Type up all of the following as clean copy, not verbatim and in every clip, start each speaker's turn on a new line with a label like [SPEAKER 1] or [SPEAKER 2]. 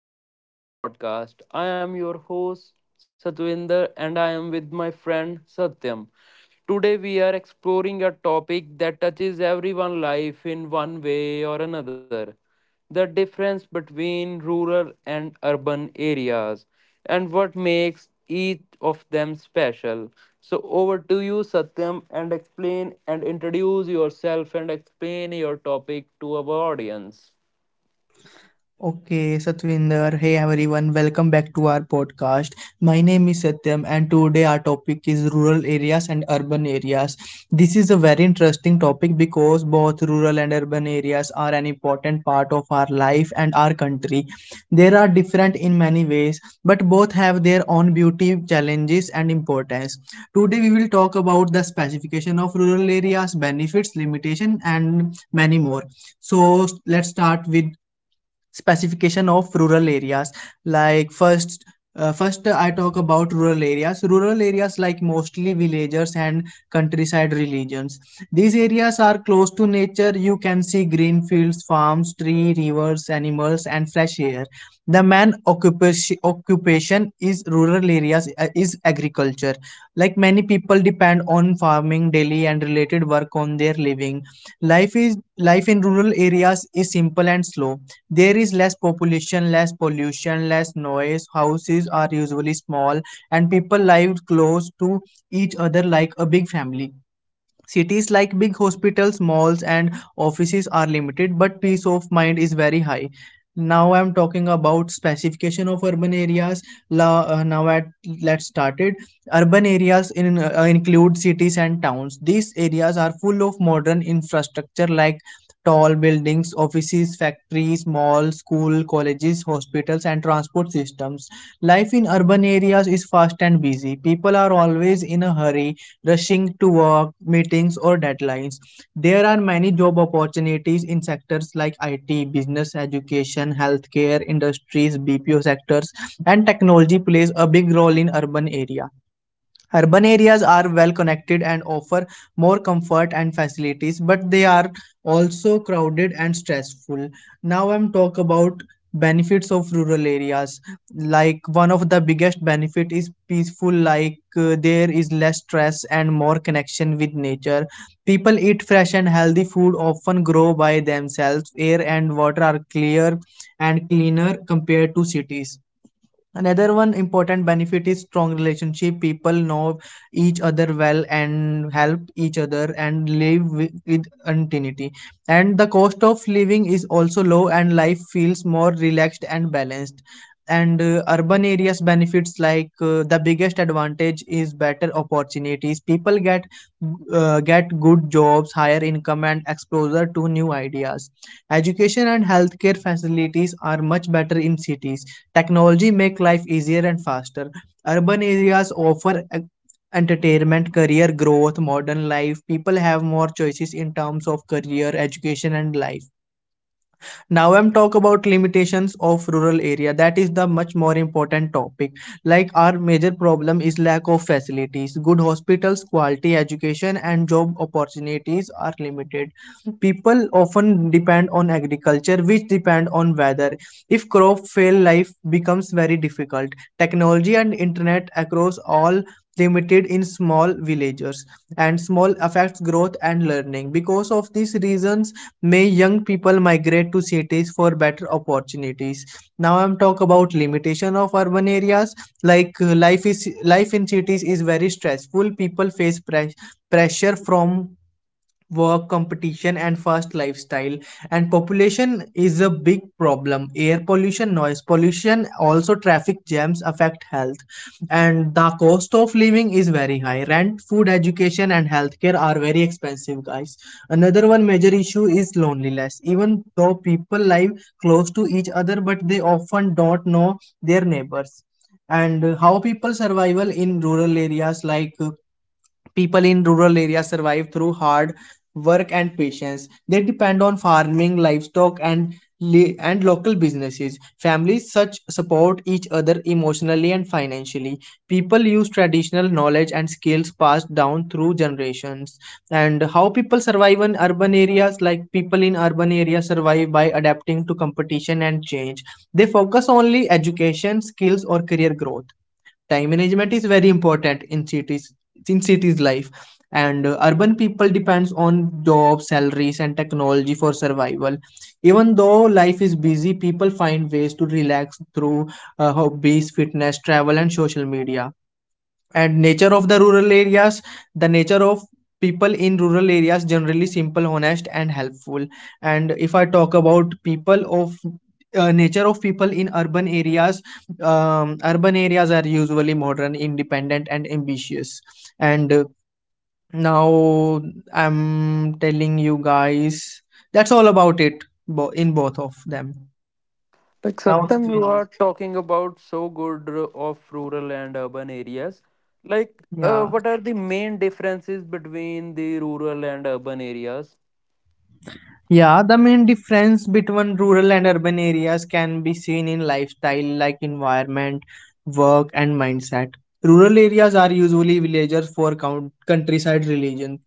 [SPEAKER 1] Welcome to our podcast. I am your host, Satwinder, and I am with my friend Satyam. Today, we are exploring a topic that touches everyone's life in one way or another, the difference between rural and urban areas and what makes each of them special. So, over to you, Satyam, and explain and introduce yourself and explain your topic to our audience.
[SPEAKER 2] Okay, Satvinder. Hey everyone, welcome back to our podcast. My name is Satyam, and today our topic is rural areas and urban areas. This is a very interesting topic because both rural and urban areas are an important part of our life and our country. They are different in many ways, but both have their own beauty, challenges, and importance. Today we will talk about the specification of rural areas, benefits, limitation, and many more. So let's start with specification of rural areas, like first first, I talk about rural areas. Rural areas like mostly villagers and countryside regions. These areas are close to nature. You can see green fields, farms, tree, rivers, animals, and fresh air. The main occupation is rural areas is agriculture, like many people depend on farming daily and related work on their living. Life is life in rural areas is simple and slow. There is less population, less pollution, less noise. Houses are usually small, and people live close to each other like a big family. Cities like big hospitals, malls, and offices are limited, but peace of mind is very high. Now I'm talking about specification of urban areas. La, now at Let's start it. Urban areas include cities and towns. These areas are full of modern infrastructure like tall buildings, offices, factories, malls, school, colleges, hospitals, and transport systems. Life in urban areas is fast and busy. People are always in a hurry, rushing to work, meetings, or deadlines. There are many job opportunities in sectors like IT, business, education, healthcare, industries, BPO sectors, and technology plays a big role in urban areas. Urban areas are well connected and offer more comfort and facilities, but they are also crowded and stressful. Now I'm talk about benefits of rural areas. Like, one of the biggest benefit is peaceful. There is less stress and more connection with nature. People eat fresh and healthy food, often grow by themselves. Air and water are clear and cleaner compared to cities. Another one important benefit is strong relationship. People know each other well and help each other and live with continuity. And the cost of living is also low, and life feels more relaxed and balanced. And Urban areas benefits, the biggest advantage is better opportunities. People get good jobs, higher income, and exposure to new ideas. Education and healthcare facilities are much better in cities. Technology make life easier and faster. Urban areas offer entertainment, career growth, modern life. People have more choices in terms of career, education, and life. Now I'm talk about limitations of rural area. That is the much more important topic. Like, our major problem is lack of facilities. Good hospitals, quality education, and job opportunities are limited. People often depend on agriculture, which depend on weather. If crop fail, life becomes very difficult. Technology and internet across all limited in small villagers, and small affects growth and learning. Because of these reasons, may young people migrate to cities for better opportunities. Now I'm talk about limitation of urban areas. Life in cities is very stressful. People face pressure from work, competition, and fast lifestyle. And population is a big problem. Air pollution, noise pollution, also traffic jams affect health. And the cost of living is very high. Rent, food, education, and healthcare are very expensive, guys. Another one major issue is loneliness. Even though people live close to each other, but they often don't know their neighbors. And How people survival in rural areas, people in rural areas survive through hard work and patience. They depend on farming, livestock, and and local businesses. Families such support each other emotionally and financially. People use traditional knowledge and skills passed down through generations. And how people survive in urban areas, like people in urban areas survive by adapting to competition and change. They focus only education, skills, or career growth. Time management is very important in cities, in cities life. And Urban people depends on jobs, salaries, and technology for survival. Even though life is busy, people find ways to relax through hobbies, fitness, travel, and social media. And nature of the rural areas, the nature of people in rural areas generally simple, honest, and helpful. And if I talk about people of nature of people in urban areas, urban areas are usually modern, independent, and ambitious. And uh, now I'm telling you guys that's all about it in both of them.
[SPEAKER 1] Like
[SPEAKER 2] Now,
[SPEAKER 1] Satyam, you are talking about so good of rural and urban areas.
[SPEAKER 2] yeah.
[SPEAKER 1] What are the main differences between the rural and urban areas?
[SPEAKER 2] Yeah, the main difference between rural and urban areas can be seen in lifestyle, like environment, work, and mindset. Rural areas are usually villages for countryside religion.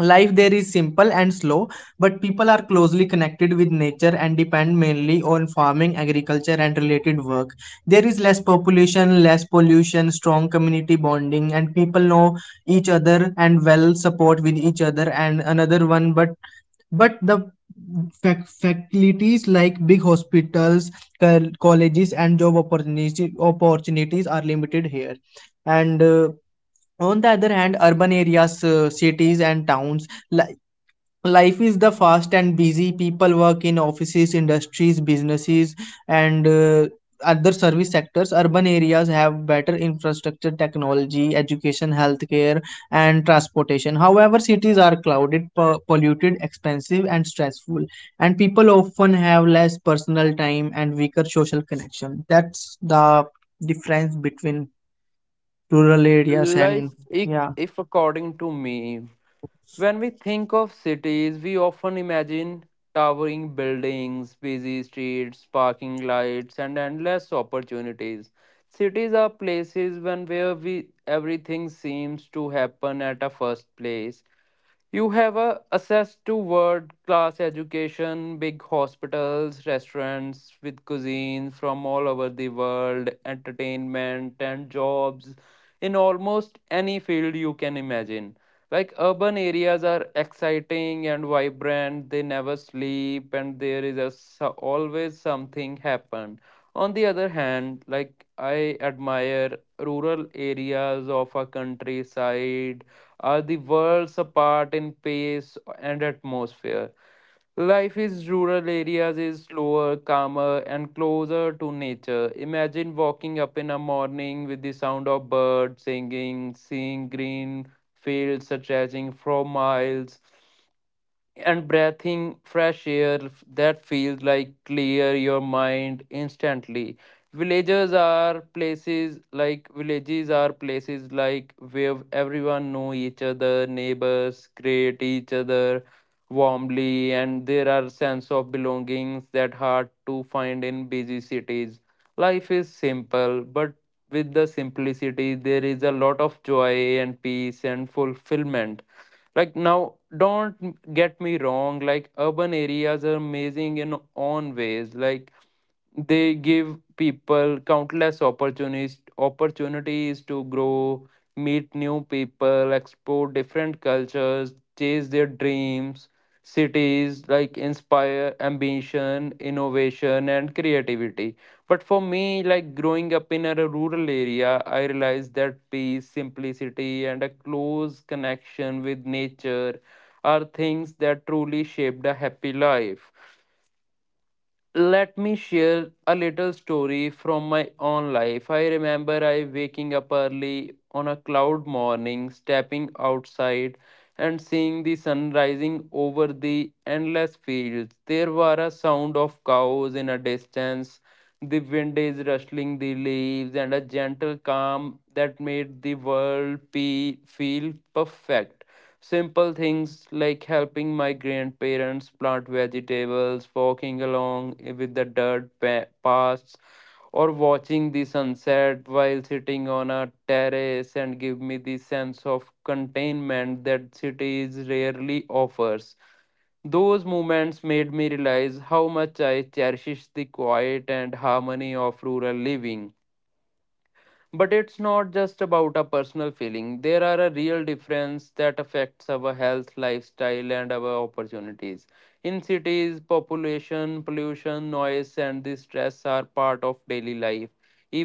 [SPEAKER 2] Life there is simple and slow, but people are closely connected with nature and depend mainly on farming, agriculture, and related work. There is less population, less pollution, strong community bonding, and people know each other and well support with each other. And another one, but the facilities like big hospitals, colleges, and job opportunities are limited here. And On the other hand, urban areas, cities and towns. Life is the fast and busy. People work in offices, industries, businesses, and other service sectors. Urban areas have better infrastructure, technology, education, healthcare, and transportation. However, cities are crowded, polluted, expensive, and stressful, and people often have less personal time and weaker social connection. That's the difference between rural areas
[SPEAKER 1] Like,
[SPEAKER 2] and,
[SPEAKER 1] if,
[SPEAKER 2] yeah.
[SPEAKER 1] if according to me, when we think of cities, we often imagine towering buildings, busy streets, parking lights, and endless opportunities. Cities are places when where we everything seems to happen at a first place. You have access to world class education, big hospitals, restaurants with cuisines from all over the world, entertainment, and jobs in almost any field you can imagine. Like urban areas are exciting and vibrant, they never sleep, and there is always something happen. On the other hand, like I admire rural areas of a countryside are the worlds apart in pace and atmosphere. Life in rural areas is slower, calmer, and closer to nature. Imagine walking up in a morning with the sound of birds singing, seeing green fields stretching for miles, and breathing fresh air that feels like clear your mind instantly. Villages are places like where everyone know each other, neighbors greet each other warmly, and there are sense of belongings that hard to find in busy cities. Life is simple, but with the simplicity there is a lot of joy and peace and fulfillment. Like now, don't get me wrong, like urban areas are amazing in own ways. Like they give people countless opportunities to grow, meet new people, explore different cultures, chase their dreams. Cities like inspire ambition, innovation, and creativity. But for me, like growing up in a rural area, I realized that peace, simplicity, and a close connection with nature are things that truly shaped a happy life. Let me share a little story from my own life. I remember I waking up early on a cloud morning, stepping outside and seeing the sun rising over the endless fields. There were a sound of cows in a distance, the wind is rustling the leaves and a gentle calm that made the world feel perfect. Simple things like helping my grandparents plant vegetables, walking along with the dirt paths, or watching the sunset while sitting on a terrace and give me the sense of containment that cities rarely offers. Those moments made me realize how much I cherish the quiet and harmony of rural living. But it's not just about a personal feeling, there are a real difference that affects our health, lifestyle, and our opportunities. In cities, population, pollution, noise, and the stress are part of daily life,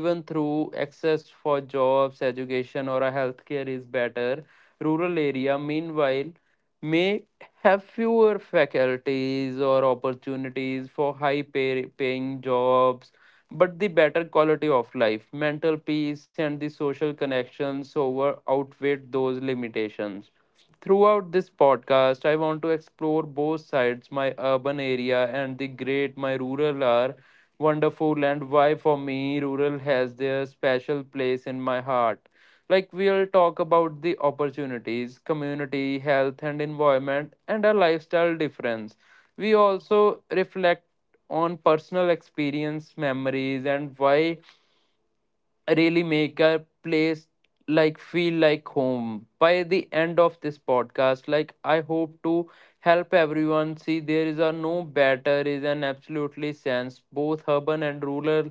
[SPEAKER 1] even through access for jobs, education, or a healthcare is better. Rural area, meanwhile, may have fewer faculties or opportunities for high paying jobs, but the better quality of life, mental peace, and the social connections over outweighed those limitations. Throughout this podcast, I want to explore both sides, my urban area and the great my rural are wonderful, and why for me, rural has their special place in my heart. Like, we'll talk about the opportunities, community, health, and environment, and a lifestyle difference. We also reflect on personal experience, memories, and why really make a place like feel like home. By the end of this podcast, like I hope to help everyone see there is a no better, is an absolutely sense, both urban and rural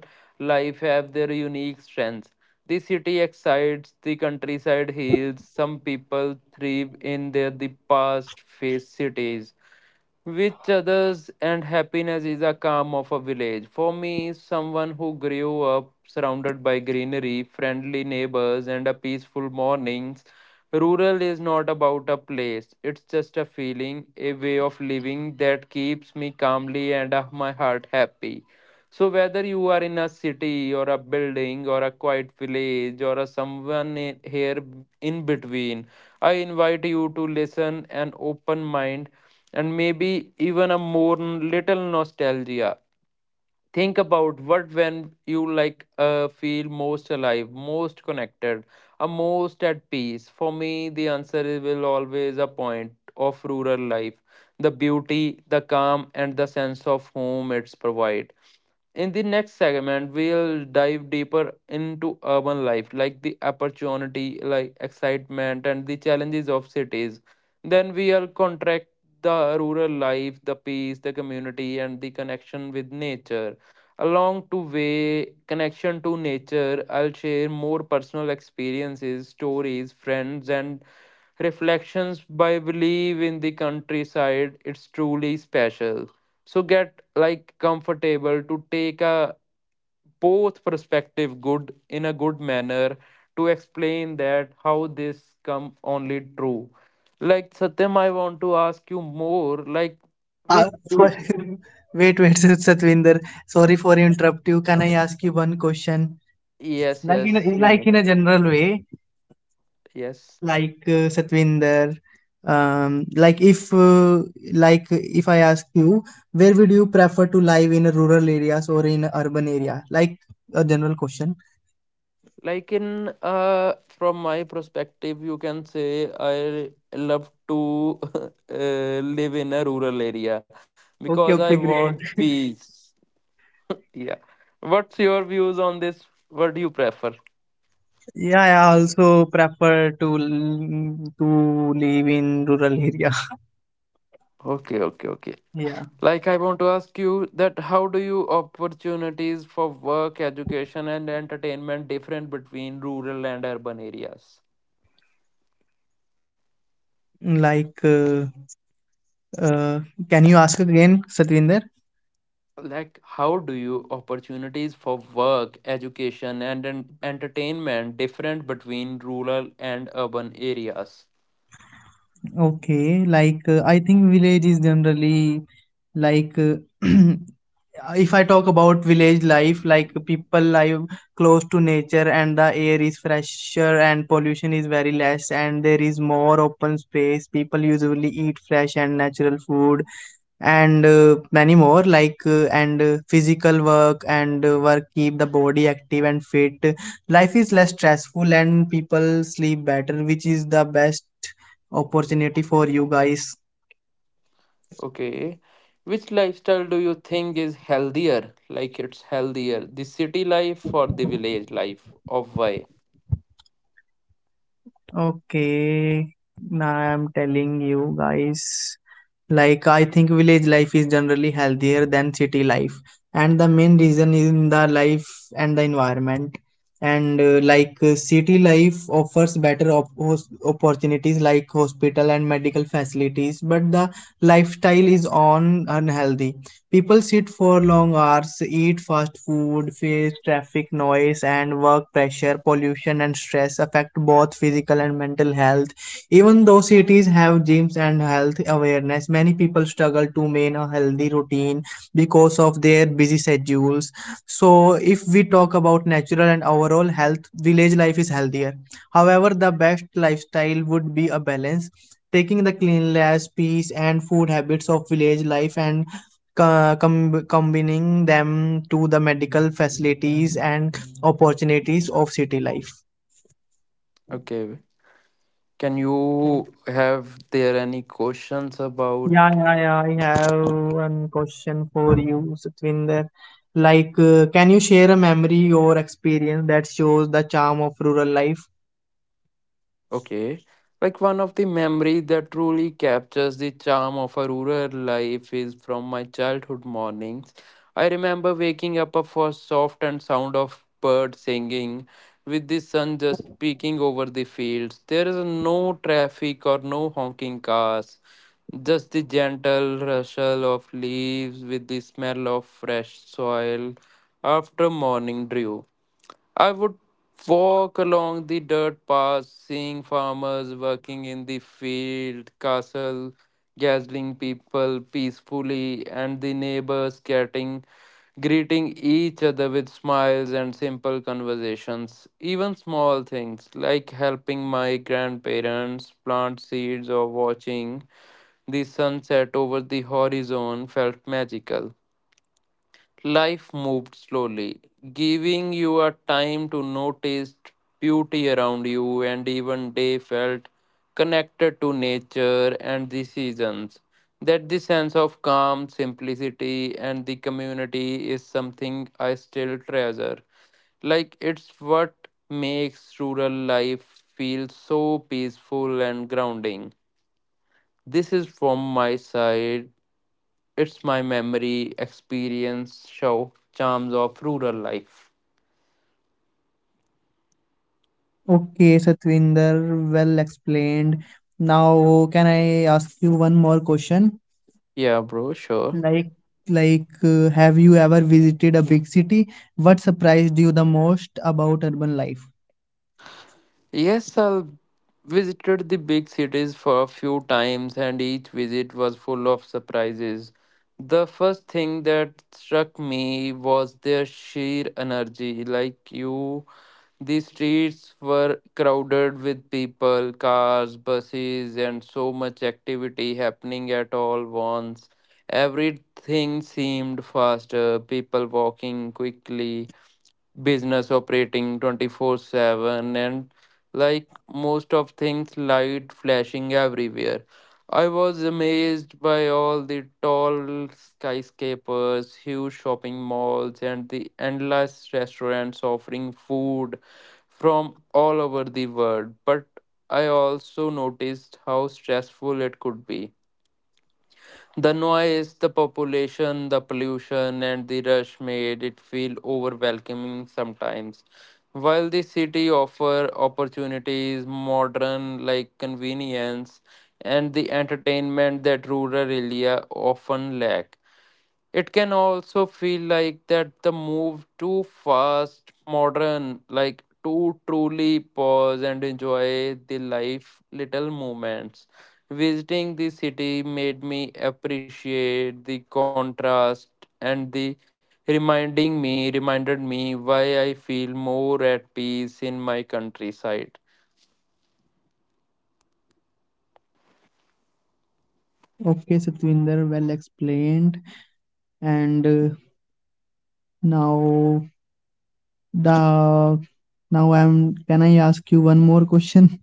[SPEAKER 1] life have their unique strengths. The city excites, the countryside heals. Some people thrive in their the past face cities, which others and happiness is a calm of a village. For me, someone who grew up surrounded by greenery, friendly neighbors, and a peaceful mornings, rural is not about a place. It's just a feeling, a way of living that keeps me calmly and my heart happy. So whether you are in a city or a building or a quiet village or a someone here in between, I invite you to listen an open mind and maybe even a more little nostalgia. Think about what when you feel most alive, most connected, a most at peace. For me, the answer is will always a point of rural life, the beauty, the calm, and the sense of home it's provide. In the next segment, we'll dive deeper into urban life, like the opportunity, like excitement, and the challenges of cities. Then we'll contract the rural life, the peace, the community, and the connection with nature. Along to way connection to nature, I'll share more personal experiences, stories, friends, and reflections by believe in the countryside. It's truly special. So get like comfortable to take a both perspective good in a good manner to explain that how this come only true. Like Satyam, I want to ask you more, like
[SPEAKER 2] Uh,
[SPEAKER 1] which do,
[SPEAKER 2] for- wait, Satvinder. Sorry for interrupt you. Can I ask you one question?
[SPEAKER 1] yes yes you
[SPEAKER 2] Like
[SPEAKER 1] may-,
[SPEAKER 2] in a general way,
[SPEAKER 1] yes.
[SPEAKER 2] Satvinder, um, like if uh, like if I ask you, where would you prefer to live, in a rural areas or in a urban area? Like a general question.
[SPEAKER 1] Like in, from my perspective you can say I love to uh, live in a rural area
[SPEAKER 2] Okay,
[SPEAKER 1] because I
[SPEAKER 2] okay, great.
[SPEAKER 1] want peace. Yeah. What's your views on this? What do you prefer?
[SPEAKER 2] Yeah, I also prefer to to live in rural area.
[SPEAKER 1] Okay, okay, okay.
[SPEAKER 2] Yeah,
[SPEAKER 1] Like I want to ask you that how do you opportunities for work, education, and entertainment different between rural and urban areas?
[SPEAKER 2] like. Uh, can you ask again, Satvinder?
[SPEAKER 1] Like how do you opportunities for work, education, and entertainment different between rural and urban areas?
[SPEAKER 2] Okay, I think village is generally like uh, if I talk about village life, like people live close to nature, and the air is fresher, and pollution is very less, and there is more open space. People usually eat fresh and natural food, and many more, like and physical work, and work keep the body active and fit. Life is less stressful and people sleep better, which is the best opportunity for you guys.
[SPEAKER 1] Okay. Which lifestyle do you think is healthier? Like it's healthier, the city life or the village life of why?
[SPEAKER 2] Okay, now I'm telling you guys, like I think village life is generally healthier than city life, and the main reason is in the life and the environment. And like City life offers better opportunities like hospital and medical facilities, but the lifestyle is on unhealthy. People sit for long hours, eat fast food, face traffic noise and work pressure. Pollution and stress affect both physical and mental health. Even though cities have gyms and health awareness, many people struggle to maintain a healthy routine because of their busy schedules. So, if we talk about natural and overall health, village life is healthier. However, the best lifestyle would be a balance. Taking the cleanliness, peace, and food habits of village life and combining them to the medical facilities and opportunities of city life.
[SPEAKER 1] Okay. Can you have there any questions about.
[SPEAKER 2] Yeah, yeah, yeah. I have one question for you, Satvinder. Like, can you share a memory or experience that shows the charm of rural life?
[SPEAKER 1] Okay. Like one of the memory that truly captures the charm of a rural life is from my childhood mornings. I remember waking up for soft and sound of birds singing with the sun just peeking over the fields. There is no traffic or no honking cars, just the gentle rustle of leaves with the smell of fresh soil after morning dew. I would walk along the dirt paths, seeing farmers working in the field, castle, gazing people peacefully, and the neighbors getting greeting each other with smiles and simple conversations. Even small things like helping my grandparents plant seeds or watching the sunset over the horizon felt magical. Life moved slowly, giving you a time to notice beauty around you, and even day felt connected to nature and the seasons. That the sense of calm, simplicity, and the community is something I still treasure. Like it's what makes rural life feel so peaceful and grounding. This is from my side. It's my memory, experience, show, charms of rural life.
[SPEAKER 2] Okay, Satvinder, well explained. Now, can I ask you one more question?
[SPEAKER 1] Yeah, bro, sure.
[SPEAKER 2] Like, have you ever visited a big city? What surprised you the most about urban life?
[SPEAKER 1] Yes, I visited the big cities for a few times, and each visit was full of surprises. The first thing that struck me was their sheer energy. Like, you. The streets were crowded with people, cars, buses, and so much activity happening at all once. Everything seemed faster, people walking quickly, business operating 24/7, and like most of things light flashing everywhere. I was amazed by all the tall skyscrapers, huge shopping malls, and the endless restaurants offering food from all over the world. But I also noticed how stressful it could be, the noise, the population, the pollution, and the rush made it feel overwhelming sometimes. While the city offer opportunities, modern like convenience, and the entertainment that rural area often lack. It can also feel like that the move too fast, modern, like to truly pause and enjoy the life little moments. Visiting the city made me appreciate the contrast and the reminding me reminded me why I feel more at peace in my countryside.
[SPEAKER 2] Okay, Satvinder, well explained. And now the now I'm, can I ask you one more question?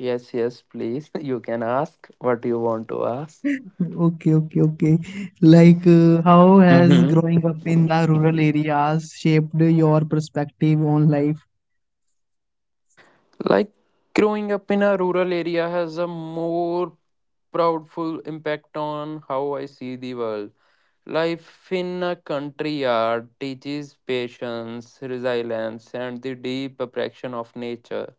[SPEAKER 1] Yes, yes, please. You can ask what you want to
[SPEAKER 2] Okay, okay, okay. How has
[SPEAKER 1] ask.
[SPEAKER 2] growing up in the rural areas shaped your perspective on life?
[SPEAKER 1] Like growing up in a rural area has a more proudful impact on how I see the world. Life in a country yard teaches patience, resilience, and the deep appreciation of nature.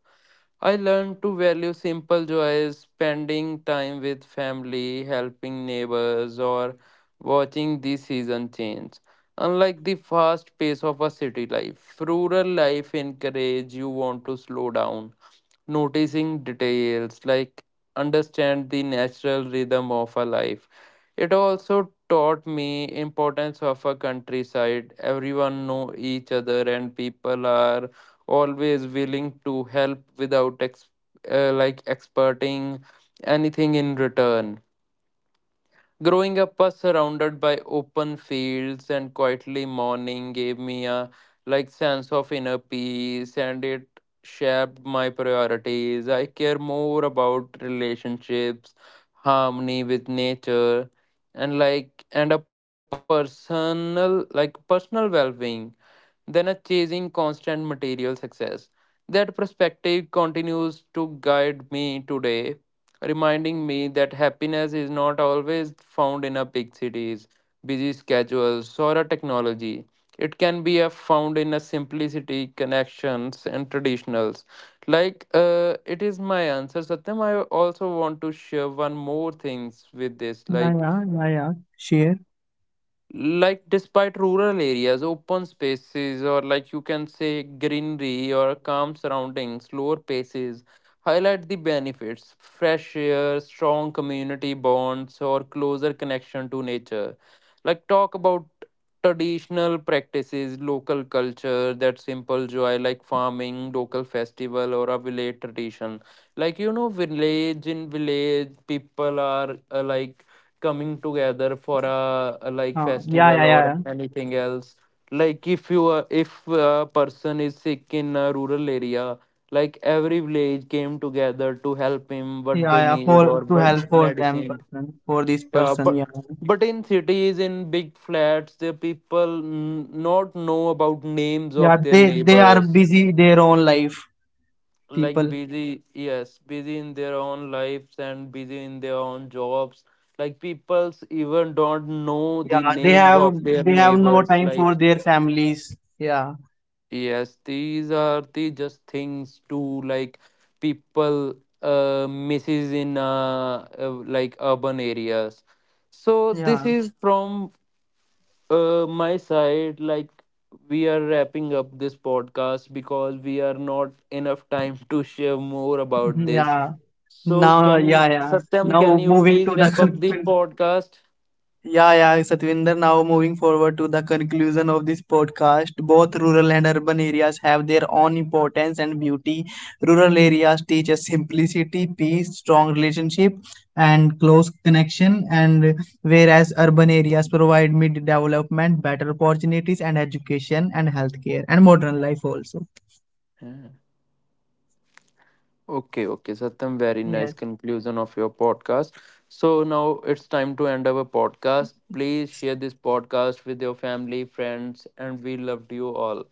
[SPEAKER 1] I learned to value simple joys, spending time with family, helping neighbors, or watching the season change. Unlike the fast pace of a city life, rural life encourages you want to slow down, noticing details like understand the natural rhythm of a life. It also taught me importance of a countryside, everyone know each other and people are always willing to help without experting anything in return. Growing up surrounded by open fields and quietly morning gave me a like sense of inner peace, and it shaped my priorities. I care more about relationships, harmony with nature, and a personal personal well-being than a chasing constant material success. That perspective continues to guide me today, reminding me that happiness is not always found in a big cities, busy schedules, or a technology. It can be found in a simplicity, connections, and traditionals. It is my answer, Satyam. I also want to share one more things with this,
[SPEAKER 2] Yeah,
[SPEAKER 1] like
[SPEAKER 2] yeah, yeah, yeah. Share.
[SPEAKER 1] like despite rural areas open spaces, or like you can say greenery or calm surroundings, slower paces highlight the benefits, fresh air, strong community bonds, or closer connection to nature. Like talk about traditional practices, local culture, that simple joy like farming, local festival, or a village tradition. Like you know village, in village people are coming together for a
[SPEAKER 2] Yeah,
[SPEAKER 1] festival
[SPEAKER 2] yeah, yeah,
[SPEAKER 1] or
[SPEAKER 2] yeah,
[SPEAKER 1] anything else. Like if you are, if a person is sick in a rural area, like every village came together to help him what
[SPEAKER 2] yeah,
[SPEAKER 1] they
[SPEAKER 2] yeah.
[SPEAKER 1] need
[SPEAKER 2] For
[SPEAKER 1] or
[SPEAKER 2] to
[SPEAKER 1] what
[SPEAKER 2] help for them
[SPEAKER 1] medicine.
[SPEAKER 2] person, for this
[SPEAKER 1] Yeah,
[SPEAKER 2] person, yeah,
[SPEAKER 1] but in cities, in big flats, the people not know about names
[SPEAKER 2] yeah.
[SPEAKER 1] of their
[SPEAKER 2] They are
[SPEAKER 1] neighbors.
[SPEAKER 2] busy their own life,
[SPEAKER 1] Like
[SPEAKER 2] people.
[SPEAKER 1] busy, yes, busy in their own lives and busy in their own jobs. Like peoples even don't know the
[SPEAKER 2] Yeah, they
[SPEAKER 1] names of their
[SPEAKER 2] have no
[SPEAKER 1] neighbors.
[SPEAKER 2] time for
[SPEAKER 1] Like
[SPEAKER 2] their families. Yeah,
[SPEAKER 1] yes, these are the just things to like people misses in urban areas. So this
[SPEAKER 2] yeah,
[SPEAKER 1] is from my side. Like we are wrapping up this podcast because we are not enough time to share more about this.
[SPEAKER 2] yeah.
[SPEAKER 1] So
[SPEAKER 2] Now,
[SPEAKER 1] can
[SPEAKER 2] yeah, yeah.
[SPEAKER 1] Satyam, can
[SPEAKER 2] Now
[SPEAKER 1] you
[SPEAKER 2] moving to
[SPEAKER 1] please wrap up
[SPEAKER 2] the
[SPEAKER 1] the podcast?
[SPEAKER 2] yeah, yeah, Satvinder. Now moving forward to the conclusion of this podcast, both rural and urban areas have their own importance and beauty. Rural areas teach us simplicity, peace, strong relationship, and close connection, and whereas urban areas provide mid development, better opportunities, and education, and healthcare, and modern life also.
[SPEAKER 1] Okay, okay, Satyam, very nice
[SPEAKER 2] Yes.
[SPEAKER 1] conclusion of your podcast. So now it's time to end our podcast. Please share this podcast with your family, friends, and we loved you all.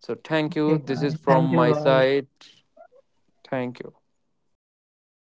[SPEAKER 1] So thank you.
[SPEAKER 2] Okay,
[SPEAKER 1] This is
[SPEAKER 2] guys.
[SPEAKER 1] from
[SPEAKER 2] Thank you,
[SPEAKER 1] my
[SPEAKER 2] guys.
[SPEAKER 1] side. Thank you.
[SPEAKER 2] Okay.